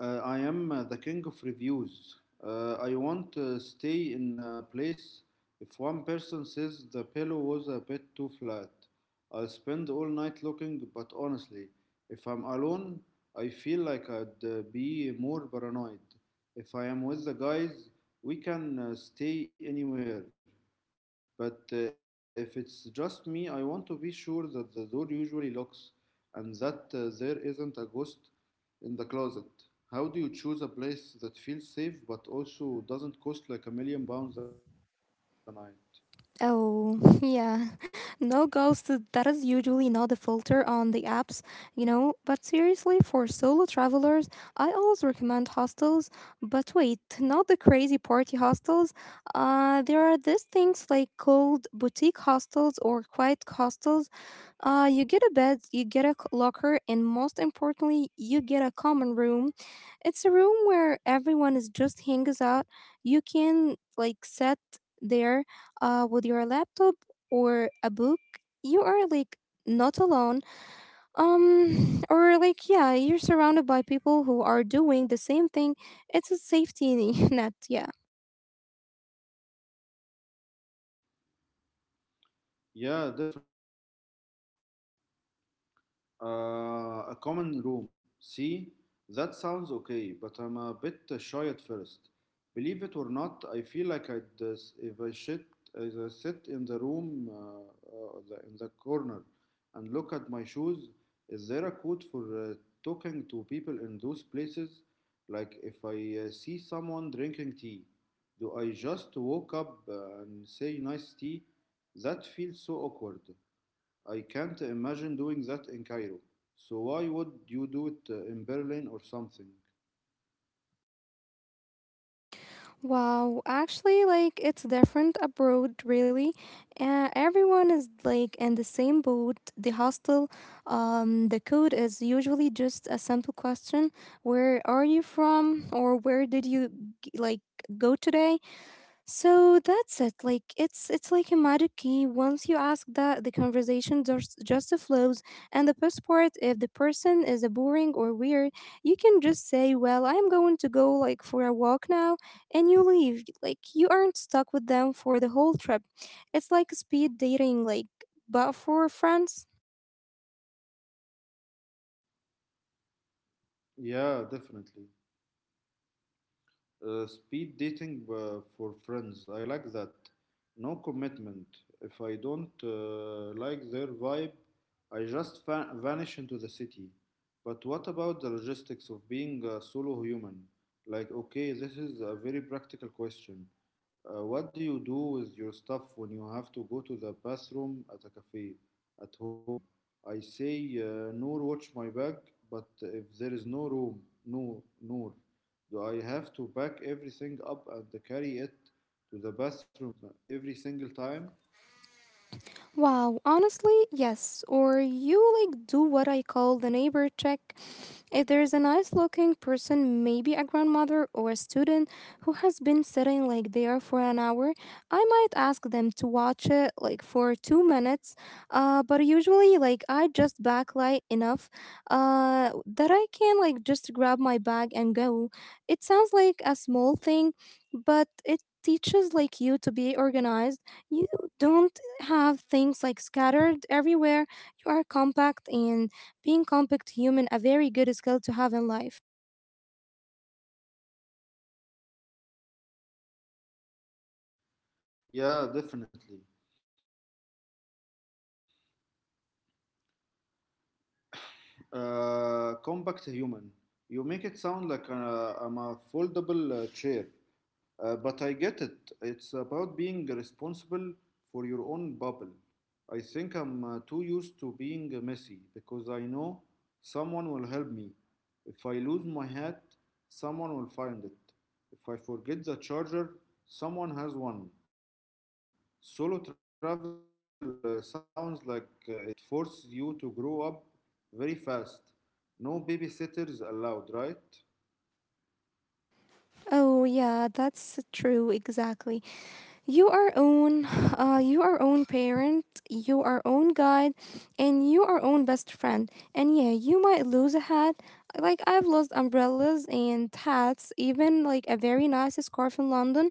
Speaker 2: Uh, I am uh, the king of reviews. Uh, I won't uh, stay in a place if one person says the pillow was a bit too flat. I'll spend all night looking, but honestly, if I'm alone, I feel like I'd uh, be more paranoid. If I am with the guys, we can uh, stay anywhere. But uh, if it's just me, I want to be sure that the door usually locks and that uh, there isn't a ghost in the closet. How do you choose a place that feels safe but also doesn't cost like a million pounds a night?
Speaker 1: Oh, [laughs] yeah. No ghosts, that is usually not the filter on the apps, you know. But seriously, for solo travelers, I always recommend hostels. But wait, not the crazy party hostels. Uh, there are these things like called boutique hostels or quiet hostels. Uh, you get a bed, you get a c- locker, and most importantly, you get a common room. It's a room where everyone is just hangs out. You can like sit there uh, with your laptop or a book. You are like not alone. Um, [sighs] or like yeah, you're surrounded by people who are doing the same thing. It's a safety [laughs] net. Yeah.
Speaker 2: Yeah, definitely. Uh, a common room. See, that sounds okay, but I'm a bit shy at first. Believe it or not, I feel like I'd, uh, if I sit, if I sit in the room, uh, uh, the, in the corner, and look at my shoes. Is there a code for uh, talking to people in those places? Like if I uh, see someone drinking tea, do I just walk up uh, and say nice tea? That feels so awkward. I can't imagine doing that in Cairo. So why would you do it uh, in Berlin or something?
Speaker 1: Wow, actually, like it's different abroad, really. Uh, everyone is like in the same boat. The hostel, um, the code is usually just a simple question: where are you from, or where did you g- like go today? So that's it. Like it's it's like a magic key. Once you ask that, the conversation just just flows. And the best part, if the person is a boring or weird, you can just say, "Well, I'm going to go like for a walk now," and you leave. Like you aren't stuck with them for the whole trip. It's like speed dating, like but for friends.
Speaker 2: Yeah, definitely. Uh, speed dating uh, for friends. I like that. No commitment. If I don't uh, like their vibe, I just va- vanish into the city. But what about the logistics of being a solo human? Like, okay, this is a very practical question. Uh, what do you do with your stuff when you have to go to the bathroom at a cafe, at home? I say, uh, Noor, watch my bag, but if there is no room, no, Noor, do I have to pack everything up and carry it to the bathroom every single time?
Speaker 1: Wow, honestly, yes. Or you like do what I call the neighbor check. If there is a nice looking person, maybe a grandmother or a student who has been sitting like there for an hour, I might ask them to watch it like for two minutes. Uh, but usually, like I just backlight enough uh, that I can like just grab my bag and go. It sounds like a small thing, but it teaches like you to be organized. You don't have things like scattered everywhere. You are compact, and being compact human a very good skill to have in life.
Speaker 2: Yeah, definitely. Uh, compact human. You make it sound like uh, I'm a foldable uh, chair. Uh, but I get it. It's about being responsible for your own bubble. I think I'm uh, too used to being uh, messy because I know someone will help me. If I lose my hat, someone will find it. If I forget the charger, someone has one. Solo travel uh, sounds like uh, it forces you to grow up very fast. No babysitters allowed, right?
Speaker 1: Oh yeah, that's true. Exactly. You are own, uh, you are own parent, you are own guide, and you are own best friend. And yeah, you might lose a hat. Like I've lost umbrellas and hats, even like a very nice scarf in London.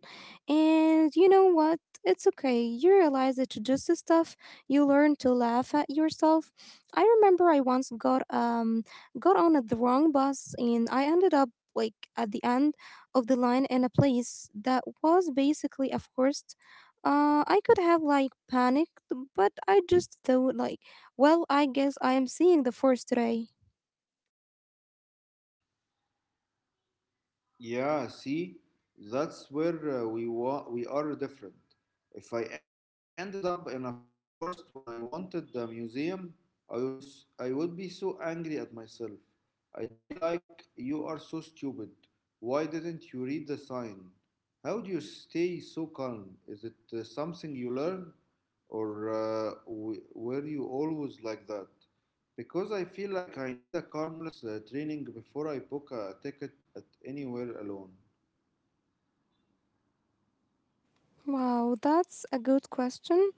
Speaker 1: And you know what? It's okay. You realize it's just the stuff. You learn to laugh at yourself. I remember I once got um got on at the wrong bus and I ended up like at the end of the line in a place that was basically a forest. Uh, I could have like panicked, but I just thought like, well, I guess I am seeing the forest today.
Speaker 2: Yeah, see, that's where uh, we wa- we are different. If I ended up in a forest when I wanted the museum, I would be, s- I would be so angry at myself. I'd be like, "You are so stupid. Why didn't you read the sign? How do you stay so calm? Is it uh, something you learn, or uh, w- were you always like that?" Because I feel like I need a calmness uh, training before I book a ticket at anywhere alone.
Speaker 1: Wow, that's a good question.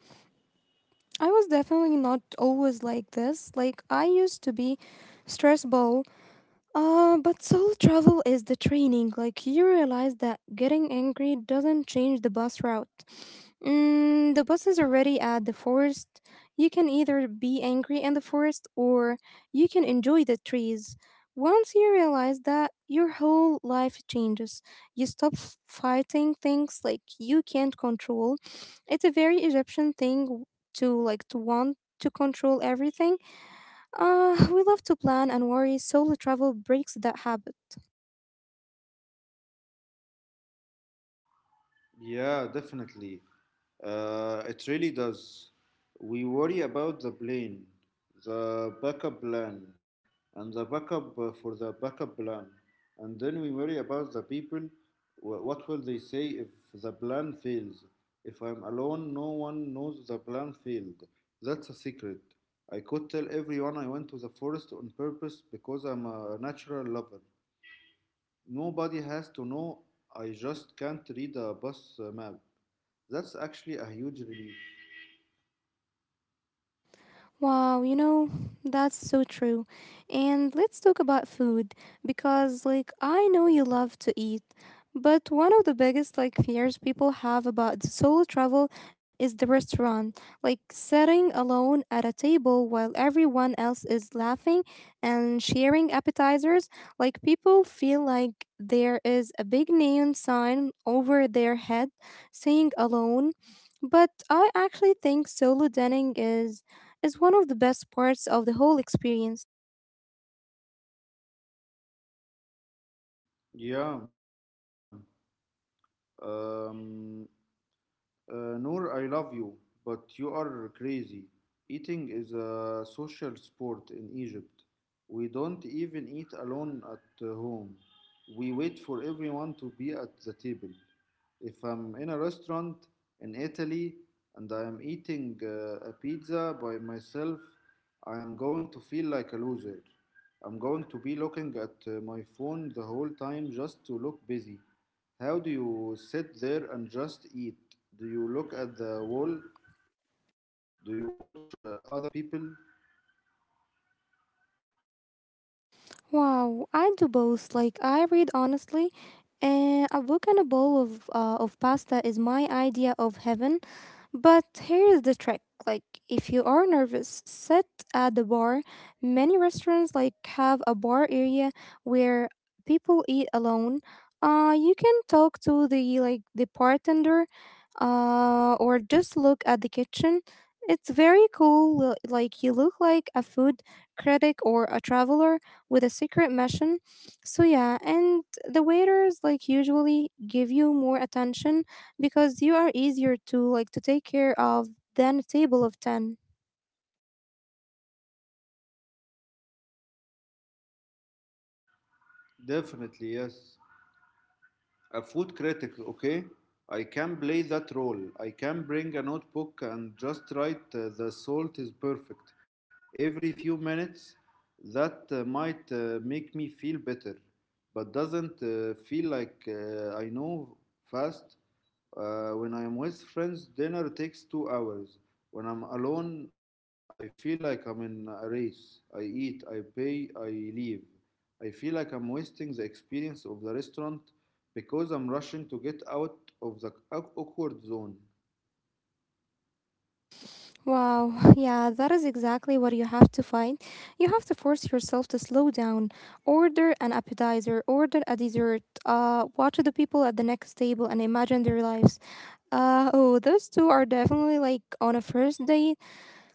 Speaker 1: I was definitely not always like this. Like I used to be stressed. Uh, but soul travel is the training. Like, you realize that getting angry doesn't change the bus route. Mm, the bus is already at the forest. You can either be angry in the forest or you can enjoy the trees. Once you realize that, your whole life changes. You stop f- fighting things like you can't control. It's a very Egyptian thing to like to want to control everything. Uh, we love to plan and worry, solo travel breaks that habit.
Speaker 2: Yeah, definitely. Uh, it really does. We worry about the plane, the backup plan, and the backup uh, for the backup plan. And then we worry about the people. Wh- What will they say if the plan fails? If I'm alone, no one knows the plan failed. That's a secret. I could tell everyone I went to the forest on purpose because I'm a natural lover. Nobody has to know. I just can't read a bus uh, map. That's actually a huge relief.
Speaker 1: Wow, you know, that's so true. And let's talk about food because like I know you love to eat, but one of the biggest like fears people have about solo travel is the restaurant. Like sitting alone at a table while everyone else is laughing and sharing appetizers, like people feel like there is a big neon sign over their head saying alone. But I actually think solo dining is is one of the best parts of the whole experience.
Speaker 2: Yeah. Um, uh, Noor, I love you, but you are crazy. Eating is a social sport in Egypt. We don't even eat alone at uh, home. We wait for everyone to be at the table. If I'm in a restaurant in Italy and I am eating uh, a pizza by myself, I am going to feel like a loser. I'm going to be looking at uh, my phone the whole time just to look busy. How do you sit there and just eat? Do you look at the wall? Do you watch uh, other people?
Speaker 1: Wow, I do both. Like I read honestly, and a book and a bowl of uh, of pasta is my idea of heaven. But here's the trick. Like if you are nervous, sit at the bar. Many restaurants like have a bar area where people eat alone. Uh you can talk to the like the bartender uh or just look at the kitchen. It's very cool. li- Like you look like a food critic or a traveler with a secret mission. So yeah, and the waiters like usually give you more attention because you are easier to like to take care of than a table of ten.
Speaker 2: Definitely, yes. A food critic, okay? I can play that role. I can bring a notebook and just write uh, the salt is perfect every few minutes. That uh, might uh, make me feel better, but doesn't uh, feel like uh, I know fast. Uh, when I am with friends, dinner takes two hours. When I'm alone, I feel like I'm in a race. I eat, I pay, I leave. I feel like I'm wasting the experience of the restaurant because I'm rushing to get out of the awkward zone.
Speaker 1: Wow, [laughs] yeah. That is exactly what you have to find. You have to force yourself to slow down, order an appetizer, order a dessert, uh watch the people at the next table and imagine their lives. Uh oh those two are definitely like on a first date.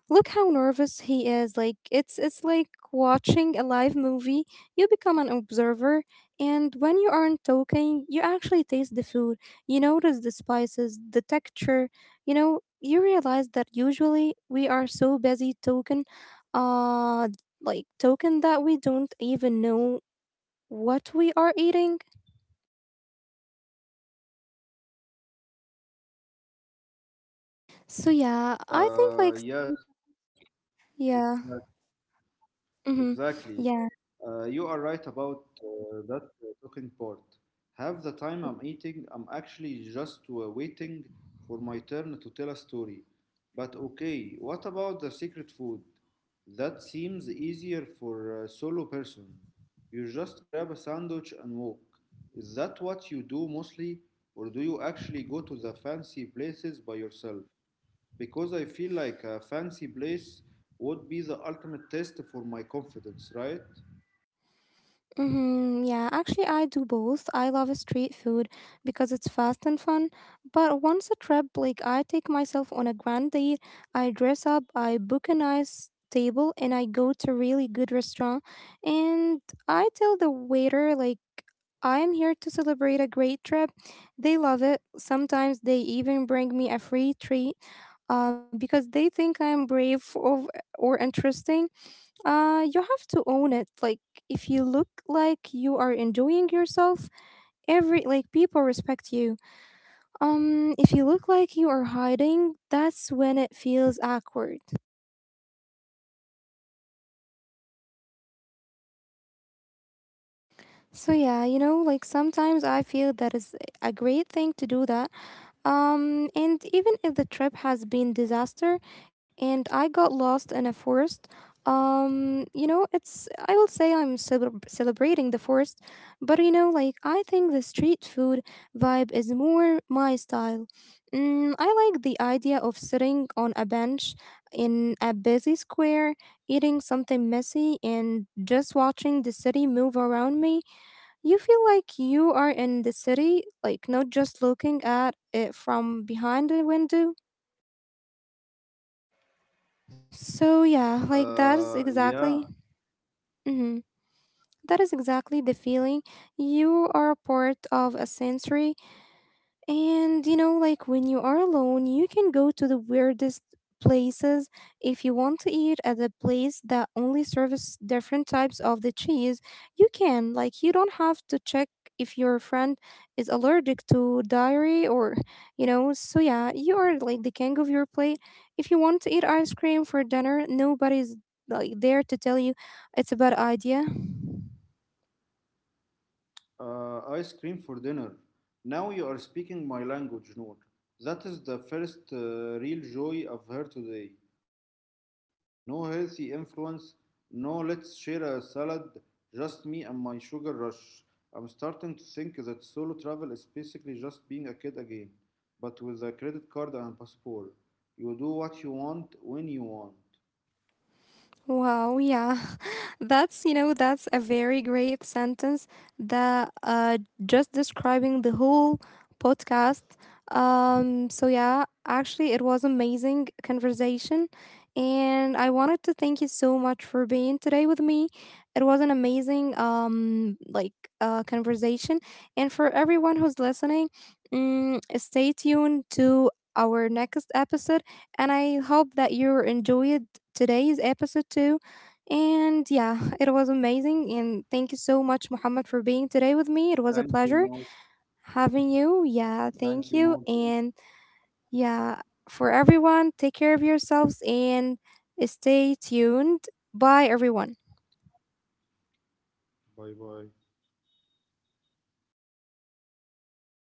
Speaker 1: Look how nervous he is. Like it's it's like watching a live movie. You become an observer, and when you aren't talking, you actually taste the food. You notice the spices, the texture. You know, you realize that usually we are so busy talking uh like talking that we don't even know what we are eating. So yeah, I think like
Speaker 2: Uh, yes,
Speaker 1: yeah.
Speaker 2: exac-
Speaker 1: Mm-hmm.
Speaker 2: exactly.
Speaker 1: Yeah.
Speaker 2: Uh, you are right about uh, that uh, talking part. Half the time I'm eating, I'm actually just uh, waiting for my turn to tell a story. But okay, what about the secret food? That seems easier for a solo person. You just grab a sandwich and walk. Is that what you do mostly, or do you actually go to the fancy places by yourself? Because I feel like a fancy place would be the ultimate test for my confidence, right?
Speaker 1: Mm-hmm, yeah, actually, I do both. I love street food because it's fast and fun. But once a trip, like I take myself on a grand date, I dress up, I book a nice table, and I go to really good restaurant. And I tell the waiter, like, I am here to celebrate a great trip. They love it. Sometimes they even bring me a free treat uh, because they think I am brave or, or interesting. Uh, you have to own it. Like, if you look like you are enjoying yourself, every like people respect you. Um, if you look like you are hiding, that's when it feels awkward. So yeah, you know, like sometimes I feel that is a great thing to do that. Um, and even if the trip has been disaster and I got lost in a forest, um, you know, it's I will say I'm celeb celebrating the forest, but you know, like I think the street food vibe is more my style. Mm, I like the idea of sitting on a bench in a busy square, eating something messy, and just watching the city move around me. You feel like you are in the city, like not just looking at it from behind a window. So yeah, like that is
Speaker 2: Uh, yeah,
Speaker 1: exactly mhm, that is exactly the feeling. You are a part of a sensory. And you know, like when you are alone, you can go to the weirdest places if you want to eat at a place that only serves different types of the cheese. You can, like, you don't have to check if your friend is allergic to dairy or you know. So yeah, you are like the king of your plate. If you want to eat ice cream for dinner, nobody's like there to tell you it's a bad idea.
Speaker 2: uh, ice cream for dinner. Now you are speaking my language, Noor. That is the first uh, real joy I've heard today. No healthy influence, no let's share a salad, just me and my sugar rush. I'm starting to think that solo travel is basically just being a kid again, but with a credit card and passport. You do what you want when you want.
Speaker 1: Wow, yeah. [laughs] That's, you know, that's a very great sentence that uh just describing the whole podcast. Um so yeah, actually it was amazing conversation and I wanted to thank you so much for being today with me. It was an amazing um like uh conversation and for everyone who's listening, mm, stay tuned to our next episode and I hope that you enjoyed today's episode too. And yeah, [laughs] it was amazing. And thank you so much, Muhammad, for being today with me. It
Speaker 2: Thank
Speaker 1: was a
Speaker 2: you, Noor.
Speaker 1: pleasure having you. Yeah, thank
Speaker 2: Thank you,
Speaker 1: you.
Speaker 2: Noor.
Speaker 1: And yeah, for everyone, take care of yourselves and stay tuned. Bye, everyone.
Speaker 2: Bye bye.